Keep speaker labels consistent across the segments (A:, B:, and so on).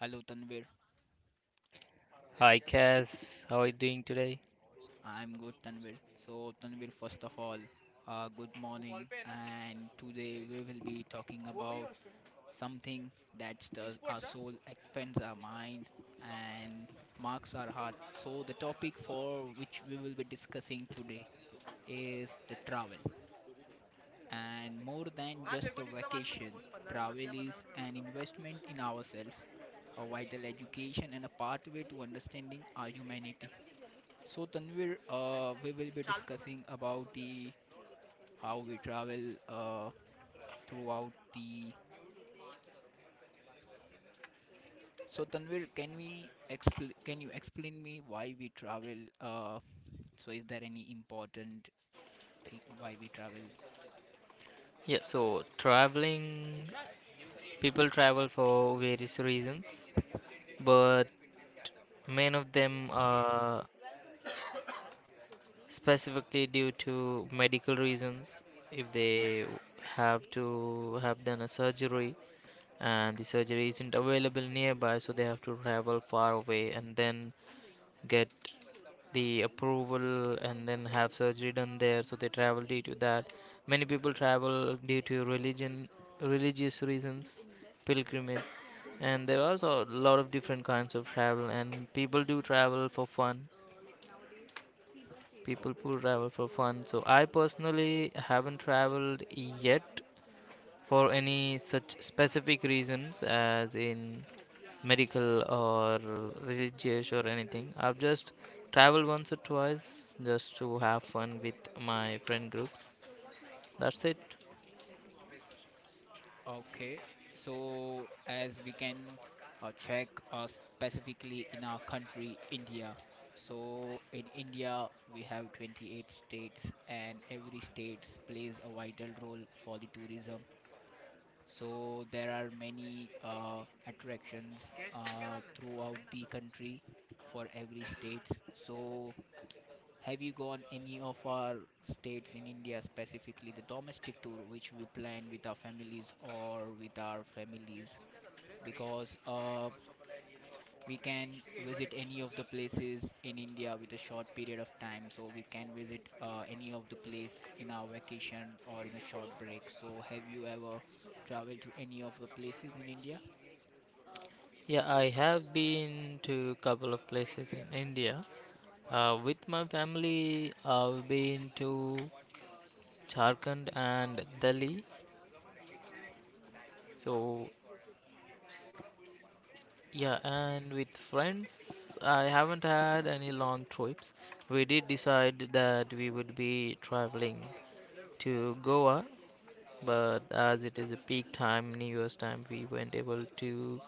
A: Hello Tanvir.
B: Hi Cass, how are you doing today?
A: I'm good Tanvir. So Tanvir, first of all, good morning. And today we will be talking about something that stirs our soul, expands our mind, and marks our heart. So the topic for which we will be discussing today is the travel. And more than just a vacation, travel is an investment in ourselves, a vital education, and a pathway to understanding our humanity. So Tanvir, we will be discussing about the how we travel, throughout the. So Tanvir, can you explain me why we travel? So is there any important thing why we travel?
B: Yeah, so traveling, people travel for various reasons, but many of them are specifically due to medical reasons. If they have to have done a surgery and the surgery isn't available nearby, so they have to travel far away, and then get the approval and then have surgery done there, so they travel due to that. Many people travel due to religion religious reasons, pilgrimage, and there are also a lot of different kinds of travel, and people do travel for fun.
A: Oh,
B: So I personally haven't traveled yet for any such specific reasons, as in medical or religious or anything. I've just traveled once or twice just to have fun with my friend groups. That's it.
A: okay. So as we can, check, specifically in our country, India. So in India, we have 28 states, and every state plays a vital role for the tourism. So there are many attractions, throughout the country for every states. So have you gone any of our states in India, specifically the domestic tour, which we plan with our families or with our families? Because, we can visit any of the places in India with a short period of time. So we can visit, any of the place in our vacation or in a short break. So have you ever traveled to any of the places in India?
B: Yeah, I have been to a couple of places in India. With my family, I've been to Jharkhand and Delhi. So, yeah, and with friends, I haven't had any long trips. We did decide that we would be traveling to Goa, but as it is a peak time, New Year's time, we weren't able to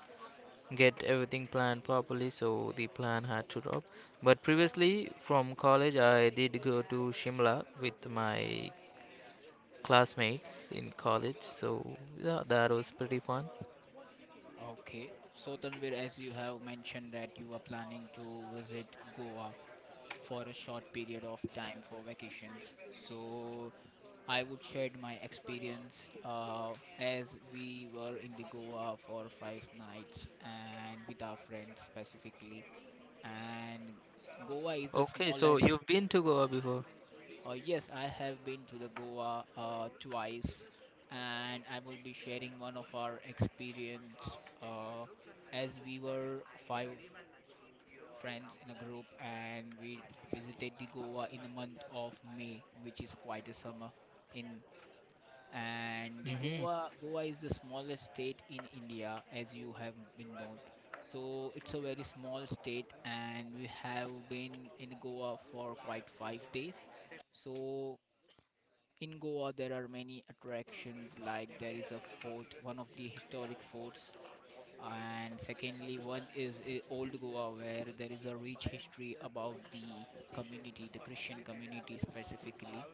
B: get everything planned properly, so the plan had to drop. But previously, from college, I did go to Shimla with my classmates in college, so yeah, that was pretty fun.
A: Okay. So Tanvir, as you have mentioned that you are planning to visit Goa for a short period of time for vacations. So I would share my experience, as we were in the Goa for five nights and with our friends specifically. And Goa is the
B: Okay, so
A: smallest.
B: you've been to Goa before?
A: Yes, I have been to the Goa, twice, and I will be sharing one of our experience, as we were five friends in a group and we visited the Goa in the month of May, which is quite a summer in. And the
B: Mm-hmm.
A: Goa is the smallest state in India, as you have been known. So it's a very small state, and we have been in Goa for quite 5 days. So in Goa there are many attractions, like there is a fort, one of the historic forts. And secondly, one is, old Goa, where there is a rich history about the community the Christian community specifically.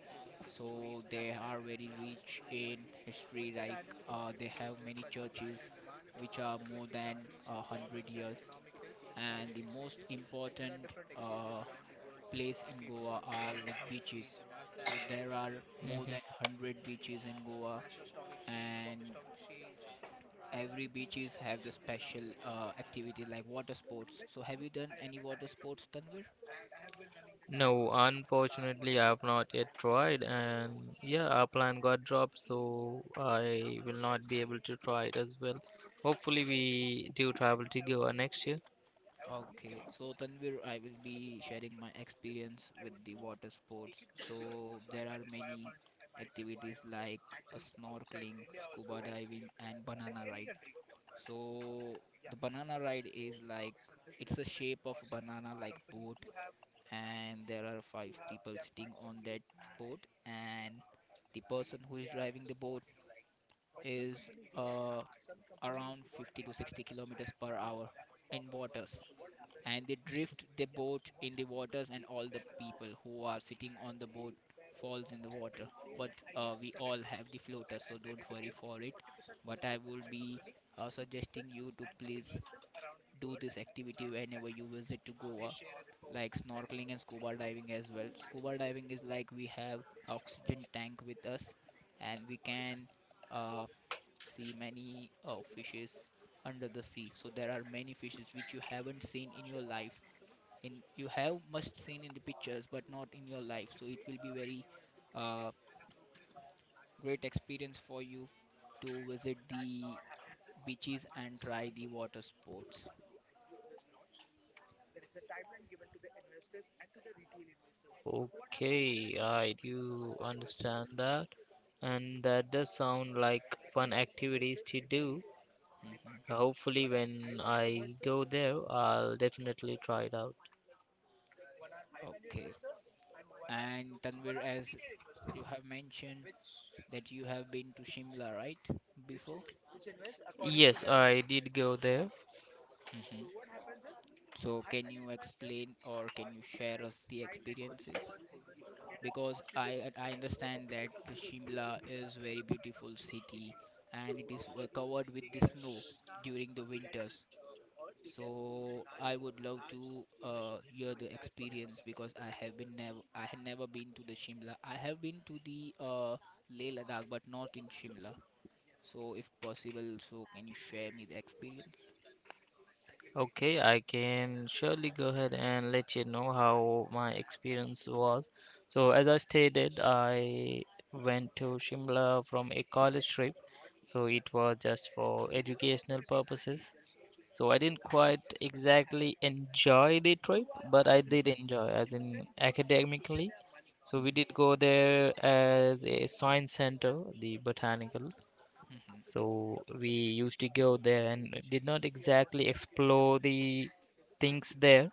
A: So they are very rich in history. Like, they have many churches which are more than a hundred years. And the most important, place in Goa are like beaches. So there are more than
B: Mm-hmm.
A: 100 beaches in Goa. And every beaches have the special, activity like water sports. So have you done any water sports, Tanvir?
B: No, unfortunately, I have not yet tried, and yeah, our plan got dropped, so I will not be able to try it as well. Hopefully, we do travel to Goa next year.
A: Okay, so Tanvir, I will be sharing my experience with the water sports. So there are many activities like a snorkeling, scuba diving, and banana ride. So the banana ride is like, it's a shape of banana like boat, and there are five people sitting on that boat, and the person who is driving the boat is, uh, around 50 to 60 kilometers per hour in waters, and they drift the boat in the waters, and all the people who are sitting on the boat falls in the water. But, we all have the floater, so don't worry for it. But I will be, suggesting you to please do this activity whenever you visit to Goa, like snorkeling and scuba diving as well. Scuba diving is like we have oxygen tank with us, and we can, uh, see many, fishes under the sea. So there are many fishes which you haven't seen in your life, in you have must seen in the pictures, but not in your life. So it will be very, uh, great experience for you to visit the beaches and try the water sports.
B: Okay, I do understand that, and that does sound like fun activities to do.
A: Hmm.
B: Hopefully, when I go there, I'll definitely try it out.
A: Okay. And Tanvir, as you have mentioned that you have been to Shimla, right, before?
B: Yes, I did go there.
A: Hmm. So can you explain, or can you share us the experiences? Because I understand that the Shimla is very beautiful city, and it is covered with the snow during the winters. So I would love to, hear the experience, because I had never been to the Shimla. I have been to the, Leh Ladakh, but not in Shimla. So if possible, so can you share me the experience?
B: Okay, I can surely go ahead and let you know how my experience was. So, as I stated, I went to Shimla from a college trip. So, it was just for educational purposes. So, I didn't quite exactly enjoy the trip, but I did
A: Mhm,
B: enjoy, as in academically. So, we did
A: mhm,
B: go there as a science center, the botanical.
A: mhm.
B: So we used to go there and did not exactly explore the things there,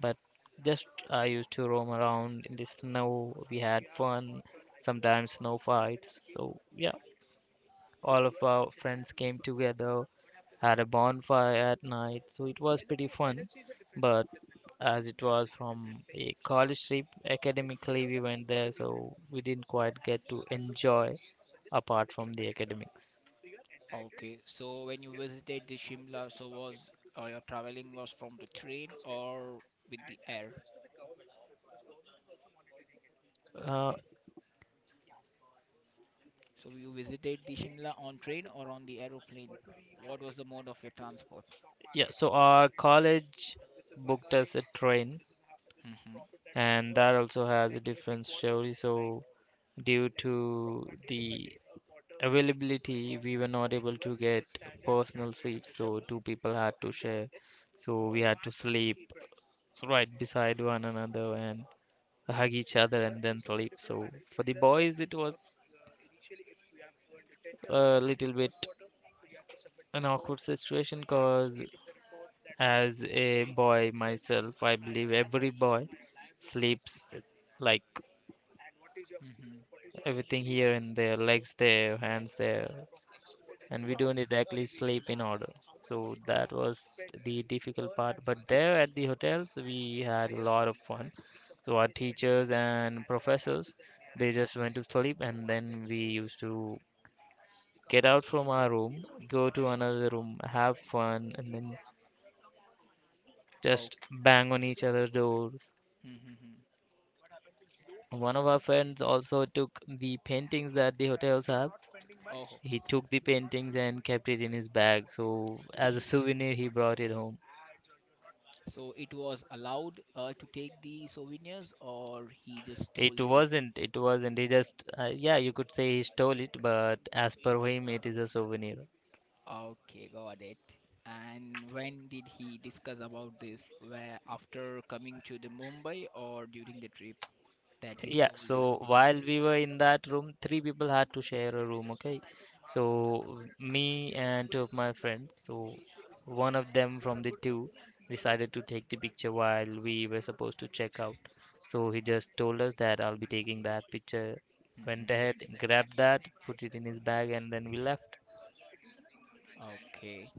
B: but just I used to roam around in the snow. We had fun, sometimes snow fights. So yeah, all of our friends came together, had a bonfire at night. So it was pretty fun. But as it was from a college trip, academically we went there, so we didn't quite get to enjoy apart from the academics.
A: Okay, so when you visited the Shimla, so was, your traveling was from the train or with the air?
B: Uh,
A: So you visited the Shimla on train or on the aeroplane? What was the mode of your transport?
B: Yeah, so our college booked us a train,
A: Mm-hmm.
B: and that also has a different story. So, due to the availability, we were not able to get personal seats, so two people had to share. So, we
A: Oh.
B: had to sleep right beside one another and hug each other and then sleep. So, for the boys, it was a little bit an awkward situation because as a boy myself, I believe every boy sleeps like
A: Mm-hmm.
B: everything here, in their legs there, hands there, and we don't
A: Okay.
B: exactly sleep in order. So that was the difficult part. But there at the hotels, we had a lot of fun. So our teachers and professors, they just
A: Mm-hmm.
B: went to sleep, and then we used to get out from our room, go to another room, have fun, and then just
A: Okay.
B: bang on each other's doors.
A: Mm-hmm.
B: One of our friends also took the paintings that the hotels have.
A: Oh.
B: He took the paintings and kept it in his bag. So as a souvenir, he brought it home.
A: So it was allowed, to take the souvenirs, or he just
B: It
A: stole the?
B: wasn't, it wasn't. He just, yeah, you could say he stole it, but as per him, it is a souvenir.
A: Okay, got it. And when did he discuss about this? Where after coming to the Mumbai or during the trip that he
B: Yeah,
A: stole the
B: so
A: souvenir?
B: while we were in that room, three people had to share a room, okay? So me and two of my friends, so one of them from the two decided to take the picture while we were supposed to check out. So he just told us that I'll be taking that picture. Went
A: Hmm.
B: ahead, grabbed that, put it in his bag, and then we left.
A: Okay.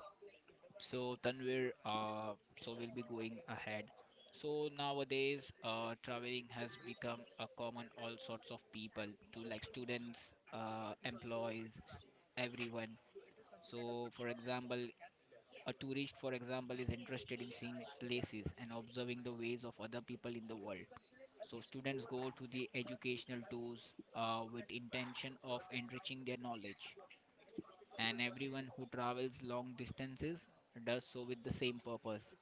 A: So Tanvir, so we'll be going ahead. So nowadays, traveling has become a common all sorts of people to, like students, employees, everyone. So for example, a tourist, for example, is interested in seeing places and observing the ways of other people in the world. So, students go to the educational tours, with intention of enriching their knowledge. And everyone who travels long distances does so with the same purpose.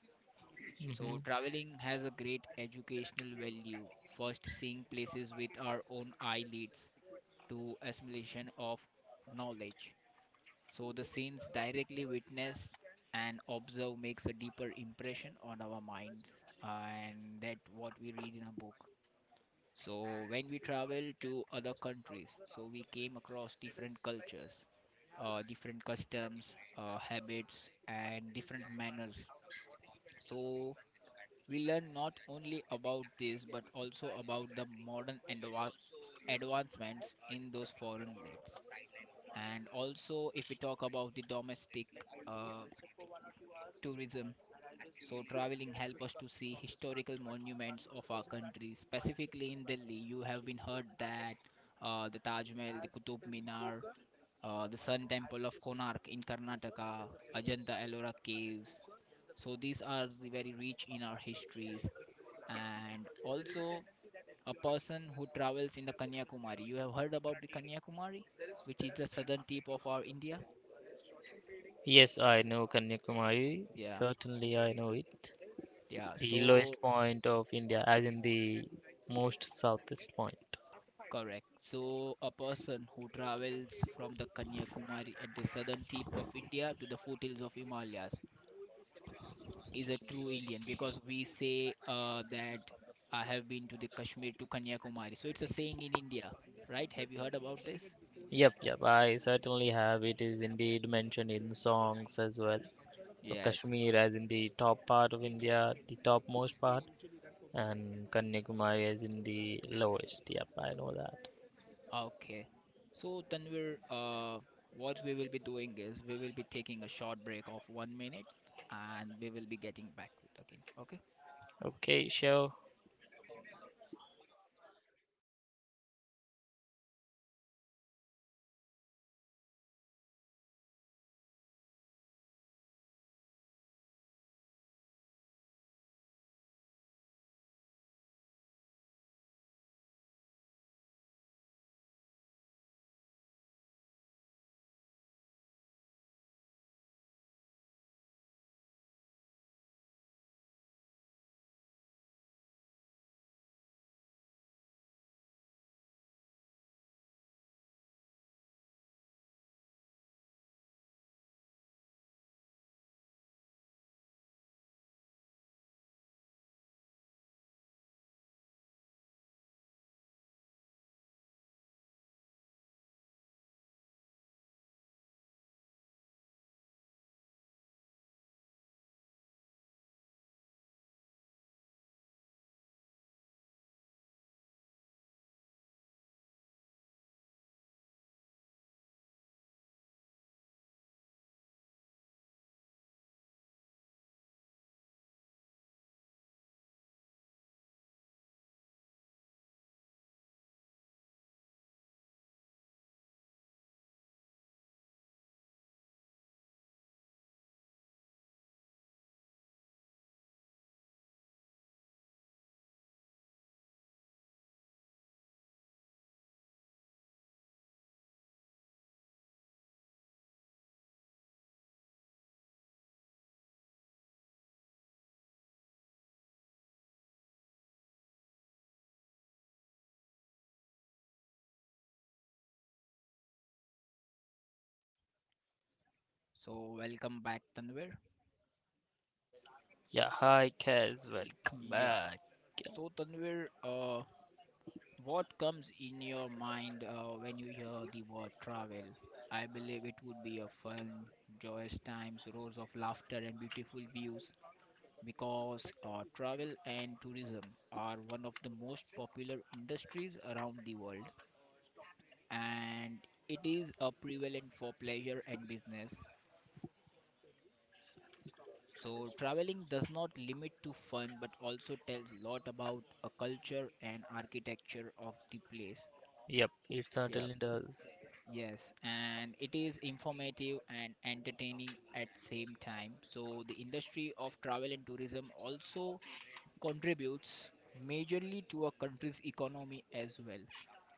A: So,
B: Hmm.
A: traveling has a great educational value. First, seeing places with our own eye leads to assimilation of knowledge. So the scenes directly witnessed and observe makes a deeper impression on our minds, uh, and that what we read in a book. So when we travel to other countries, so we came across different cultures, different customs, habits, and different manners. So we learn not only about this but also about the modern advancements in those foreign lands. And also, if we talk about the domestic, uh, tourism. So traveling help us to see historical monuments of our country. Specifically in Delhi, you have been heard that, the Taj Mahal, the Qutub Minar, the Sun Temple of Konark in Karnataka, Ajanta Ellora caves. So these are the very rich in our histories. And also a person who travels in the Kanyakumari. You have heard about the Kanyakumari, which is the southern tip of our India.
B: Yes, I know Kanyakumari.
A: Yeah,
B: Certainly, I know it.
A: yeah.
B: The
A: So.
B: lowest point of India, as in the most southest point.
A: Correct. So, a person who travels from the Kanyakumari at the southern tip of India to the foothills of Himalayas is a true Indian, because we say, that I have been to the Kashmir to Kanyakumari. So, it's a saying in India, right? Have you heard about this?
B: Yep, yep, I certainly have. It is indeed mentioned in songs as well. So
A: Yes.
B: Kashmir, as in the top part of India, the topmost part, and Kanyakumari as in the lowest. Yep, I know that.
A: Okay. So, Tanvir, what we will be doing is we will be taking a short break of 1 minute and we will be getting back with again. Okay.
B: Okay, so
A: So, welcome back, Tanvir.
B: yeah, hi Kaz, welcome
A: Yeah.
B: back.
A: So, Tanvir, what comes in your mind, when you hear the word travel? I believe it would be a fun, joyous times, roars of laughter, and beautiful views, because, travel and tourism are one of the most popular industries around the world, and it is a prevalent for pleasure and business. So, traveling does not limit to fun but also tells a lot about a culture and architecture of the place.
B: Yep, it
A: Yeah.
B: certainly does.
A: Yes, and it is informative and entertaining at same time. So the industry of travel and tourism also contributes majorly to a country's economy as well.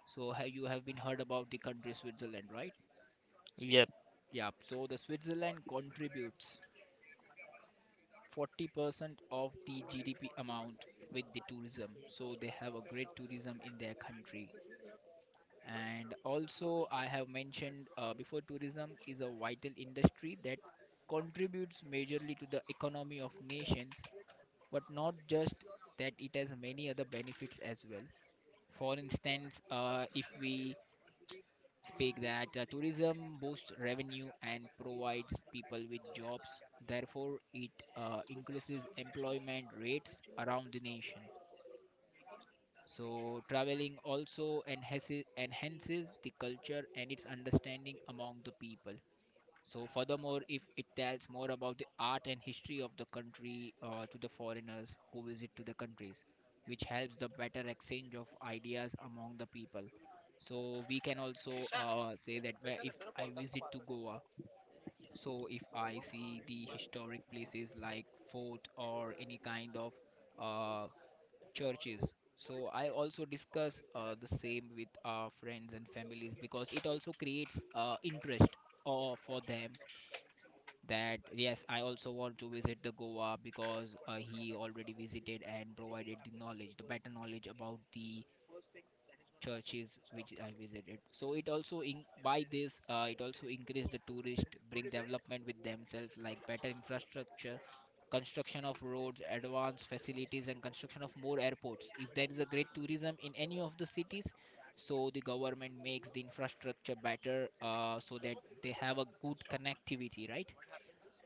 A: So have you have been heard about the country Switzerland, right?
B: Yep.
A: Yeah. So the Switzerland contributes 40% of the GDP amount with the tourism. So they have a great tourism in their country. And also, I have mentioned, before tourism is a vital industry that contributes majorly to the economy of nations, but not just that, it has many other benefits as well. For instance, if we speak that, tourism boosts revenue and provides people with jobs, therefore it, increases employment rates around the nation. So, traveling also enhances the culture and its understanding among the people. So, furthermore, if it tells more about the art and history of the country, to the foreigners who visit to the countries, which helps the better exchange of ideas among the people. So, we can also, say that where if I visit to Goa, so if I see the historic places like fort or any kind of, uh, churches. So I also discuss, the same with our friends and families, because it also creates, interest, for them, that yes, I also want to visit the Goa because, he already visited and provided the knowledge, the better knowledge about the churches which I visited. So it also in by this, it also increase the tourist, bring development with themselves like better infrastructure, construction of roads, advanced facilities, and construction of more airports. If there is a great tourism in any of the cities, so the government makes the infrastructure better, so that they have a good connectivity, right?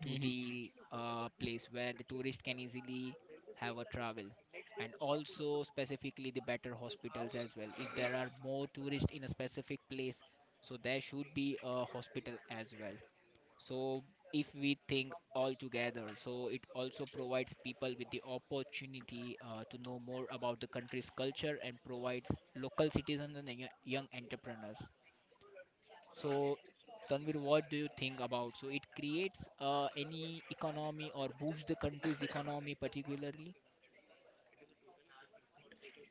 A: To
B: Mhm.
A: the place where the tourist can easily have a travel. And also specifically the better hospitals as well. If there are more tourists in a specific place, so there should be a hospital as well. So if we think all together, so it also provides people with the opportunity to know more about the country's culture and provides local citizens and the young entrepreneurs. So, Tanvir, what do you think about? So, it creates any economy or boosts the country's economy particularly?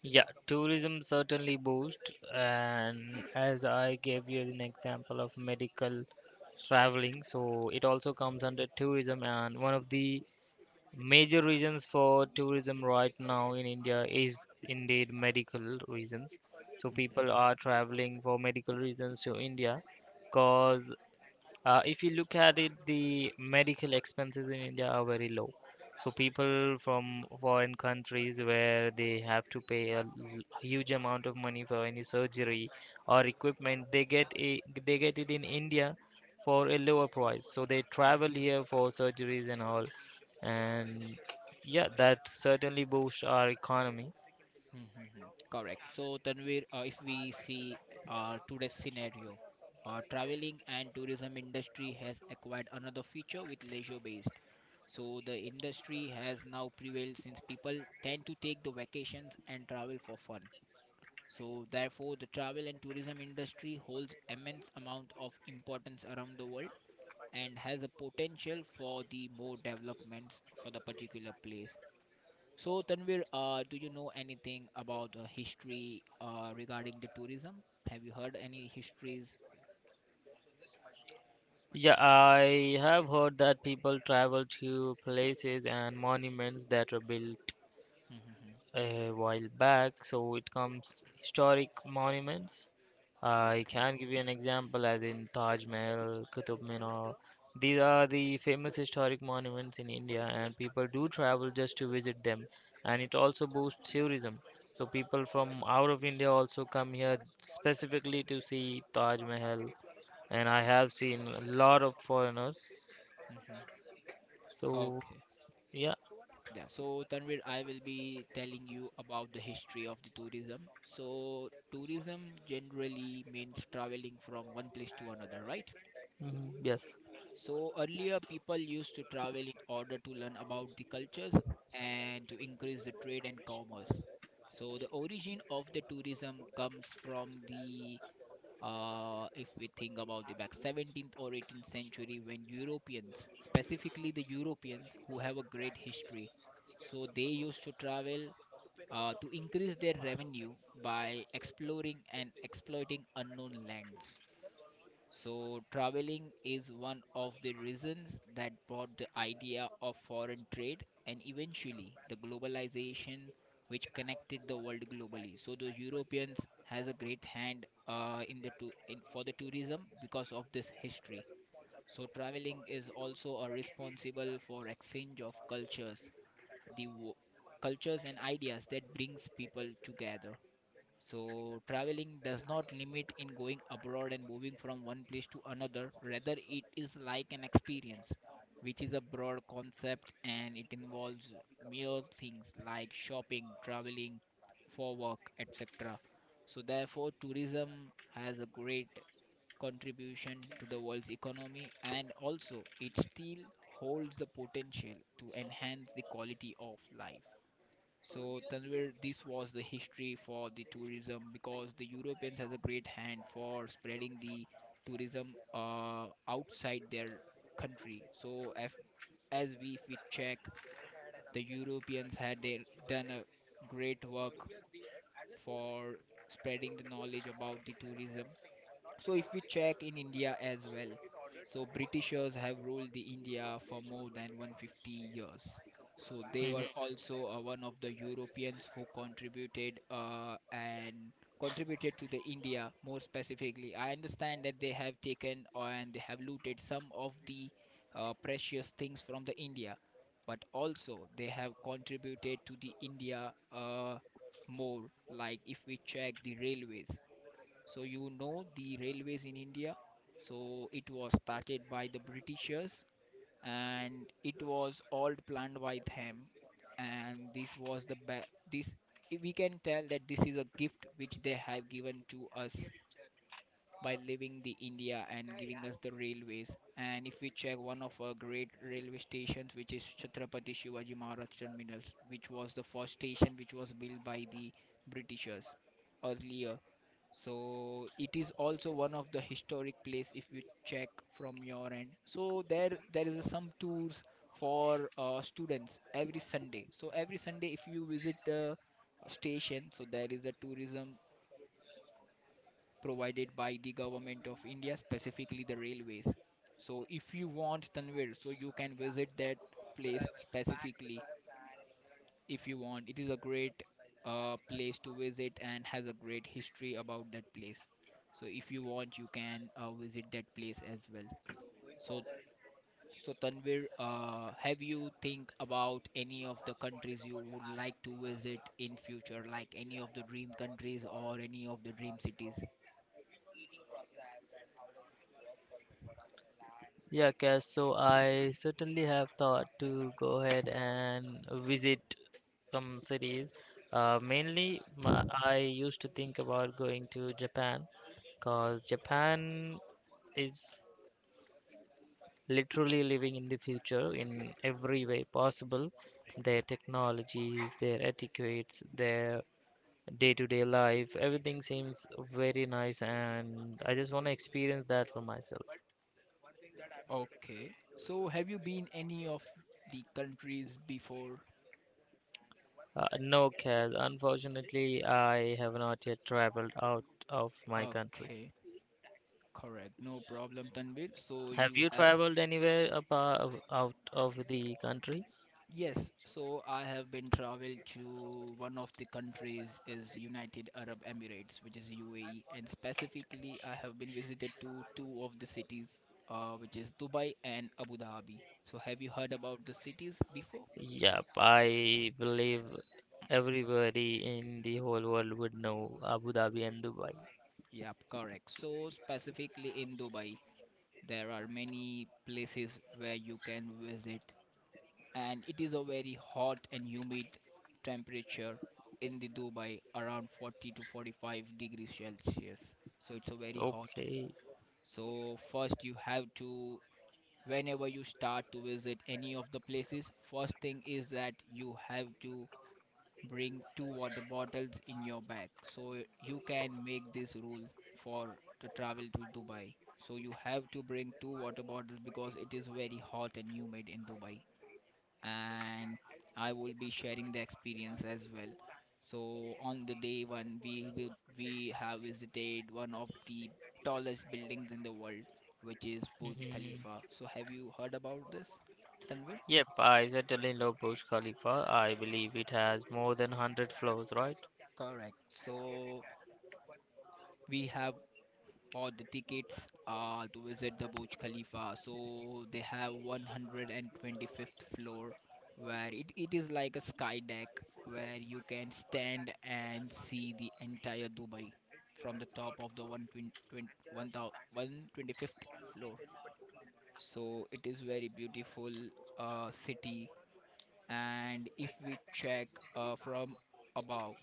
B: Yeah, tourism certainly boost, and as I gave you an example of medical traveling, so it also comes under tourism. And one of the major reasons for tourism right now in India is indeed medical reasons. So people are traveling for medical reasons to India because if you look at it, the medical expenses in India are very low. So people from foreign countries, where they have to pay huge amount of money for any surgery or equipment, they get it in India for a lower price. So they travel here for surgeries and all, and yeah, that certainly boosts our economy.
A: Mhm, mhm. Correct. So, Tanvir, if we see today's scenario, traveling and tourism industry has acquired another feature with leisure-based. So, the industry has now prevailed since people tend to take the vacations and travel for fun. So, therefore, the travel and tourism industry holds immense amount of importance around the world and has a potential for the more developments for the particular place. So, Tanvir, do you know anything about the history regarding the tourism? Have you heard any histories?
B: Yeah, I have heard that people travel to places and monuments that were built
A: Hmm.
B: a while back. So it comes historic monuments. I
A: Okay.
B: can give you an example, as in Taj Mahal, Qutub Minar. These are the famous historic monuments in India, and people do travel just to visit them. And it also boosts tourism. So people from out of India also come here specifically to see Taj Mahal. And I have seen a lot of foreigners.
A: Hmm.
B: So
A: Okay.
B: yeah,
A: Yeah. So, Tanvir, I will be telling you about the history of the tourism. So, tourism generally means traveling from one place to another, right?
B: mhm, yes.
A: So earlier people used to travel in order to learn about the cultures and to increase the trade and commerce. So the origin of the tourism comes from the if we think about the back 17th or 18th century when Europeans, specifically the Europeans who have a great history, so they used to travel to increase their revenue by exploring and exploiting unknown lands. So, traveling is one of the reasons that brought the idea of foreign trade and eventually the globalization which connected the world globally. So, the Europeans has a great hand in the for the tourism because of this history. So, traveling is also a responsible for exchange of cultures, the cultures and ideas that brings people together. So traveling does not limit in going abroad and moving from one place to another. Rather, it is like an experience, which is a broad concept and it involves mere things like shopping, traveling for work, etc. So therefore, tourism has a great contribution to the world's economy and also it still holds the potential to enhance the quality of life. So Tanvir, this was the history for the tourism because the Europeans has a great hand for spreading the tourism outside their country. So if, as we if we check, the Europeans had done a great work for spreading the knowledge about the tourism. So if we check in India as well, so Britishers have ruled the India for more than 150 years. So they
B: Mm-hmm.
A: were also one of the Europeans who contributed and contributed to the India more specifically. I understand that they have taken and they have looted some of the precious things from the India, but also they have contributed to the India more. Like if we check the railways, so you know the railways in India. So it was started by the Britishers and it was all planned by them. And this was the this, we can tell that this is a gift which they have given to us by leaving the India and giving us the railways. And if we check one of our great railway stations, which is Chhatrapati Shivaji Maharaj Terminus, which was the first station which was built by the Britishers earlier. So it is also one of the historic place. If you check from your end, so there is some tours for students every Sunday. So every Sunday if you visit the station, so there is a tourism provided by the government of India, specifically the railways. So if you want, Tanvir, so you can visit that place specifically if you want. It is a great place to visit and has a great history about that place. So if you want, you can visit that place as well. So so Tanvir, have you think about any of the countries you would like to visit in future, like any of the dream countries or any of the dream cities?
B: Yeah, Cass, so I certainly have thought to go ahead and visit some cities. Mainly, I used to think about going to Japan because Japan is literally living in the future in every way possible. Their technologies, their etiquettes, their day-to-day life, everything seems very nice, and I just want to experience that for myself.
A: Okay. So have you been any of the countries before?
B: No, Kaz. Unfortunately, I have not yet traveled out of my country.
A: Okay, correct. No problem, Tanvir. So
B: Have
A: you
B: you
A: have.
B: traveled anywhere apart out of the country?
A: Yes, so I have been traveled to one of the countries is United Arab Emirates, which is UAE, and specifically I have been visited to two of the cities, which is Dubai and Abu Dhabi. So have you heard about the cities before?
B: Yep, I believe everybody in the whole world would know Abu Dhabi and Dubai.
A: Yep, correct. So specifically in Dubai, there are many places where you can visit, and it is a very hot and humid temperature in the Dubai, around 40 to 45 degrees Celsius. So it's a very hot.
B: Okay.
A: So first you have to, whenever you start to visit any of the places, first thing is that you have to bring two water bottles in your bag. So you can make this rule for the travel to Dubai. So you have to bring two water bottles because it is very hot and humid in Dubai. And I will be sharing the experience as well. So on the day one, we will we have visited one of the tallest buildings in the world, which is Burj
B: Hmm.
A: Khalifa. So have you heard about this, Tanvir?
B: Yep, I certainly know Burj Khalifa. I believe it has more than 100 floors, right?
A: Correct. So we have or the tickets to visit the Burj Khalifa. So they have 125th floor where it is like a sky deck where you can stand and see the entire Dubai from the top of the 125th floor. So it is very beautiful city. And if we check from above,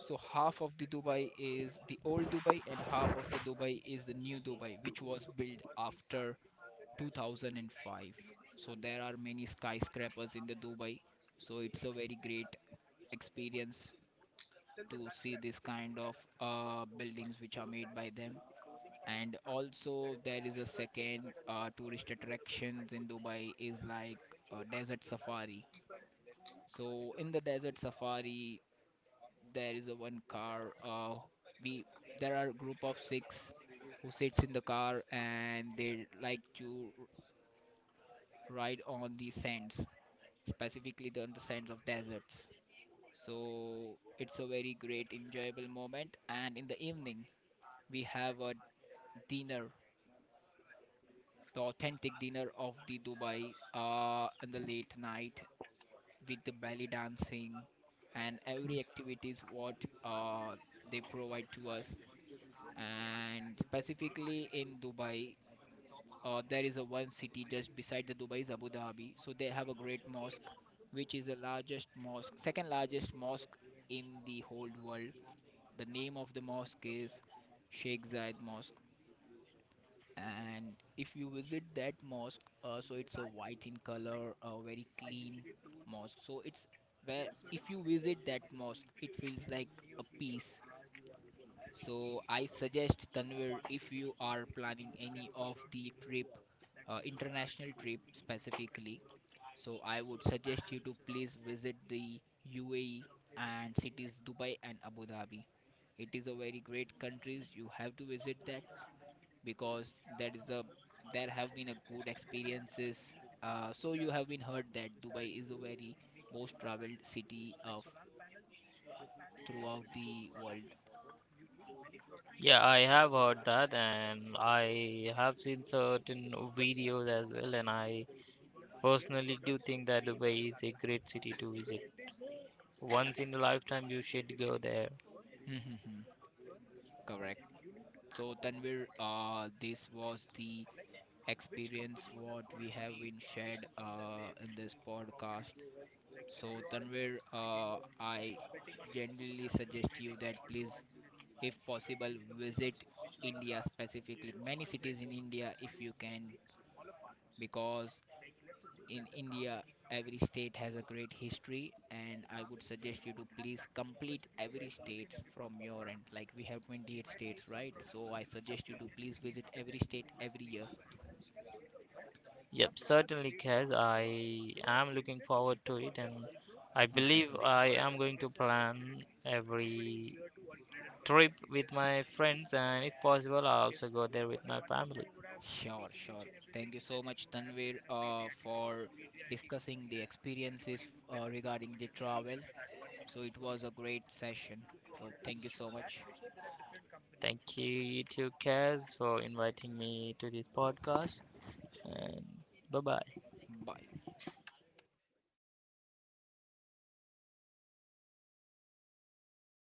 A: so half of the Dubai is the old Dubai and half of the Dubai is the new Dubai, which was built after 2005. So there are many skyscrapers in the Dubai. So it's a very great experience to see this kind of buildings which are made by them. And also there is a second tourist attractions in Dubai is like a desert safari. So in the desert safari, there is a one car we there are a group of six who sits in the car and they like to ride on the sands, specifically on the sands of deserts. So it's a very great enjoyable moment. And in the evening we have a dinner, the authentic dinner of the Dubai in the late night with the belly dancing and every activities what uh they provide to us. And specifically in Dubai, there is a one city just beside the Dubai is Abu Dhabi. So they have a great mosque, which is the largest mosque, second largest mosque in the whole world. The name of the mosque is Sheikh Zayed Mosque. And if you visit that mosque, so it's a white in color, a very clean mosque. So it's where if you visit that mosque, it feels like a peace. So I suggest Tanvir if you are planning any of the trip, international trip specifically. So I would suggest you to please visit the UAE and cities Dubai and Abu Dhabi. It is a very great countries. You have to visit that because that is a there have been a good experiences. So you have been heard that Dubai is a very most traveled city of throughout the world.
B: Yeah, I have heard that, and I have seen certain videos as well, and I personally, do think that Dubai is a great city to visit. Once in a lifetime, you should go there.
A: Correct. So Tanvir, this was the experience what we have been shared in this podcast. So Tanvir, I generally suggest you that please, if possible, visit India specifically, many cities in India if you can, because in India, every state has a great history, and I would suggest you to please complete every states from your end. Like we have 28 states, right? So I suggest you to please visit every state every year.
B: Yep, certainly, Kaz. I am looking forward to it, and I believe I am going to plan every trip with my friends, and if possible, I'll also go there with my family.
A: Sure, sure. Thank you so much, Tanvir, for discussing the experiences regarding the travel. So it was a great session. So thank you so much.
B: Thank you, you too, Kaz, for inviting me to this podcast, and bye bye.
A: Bye.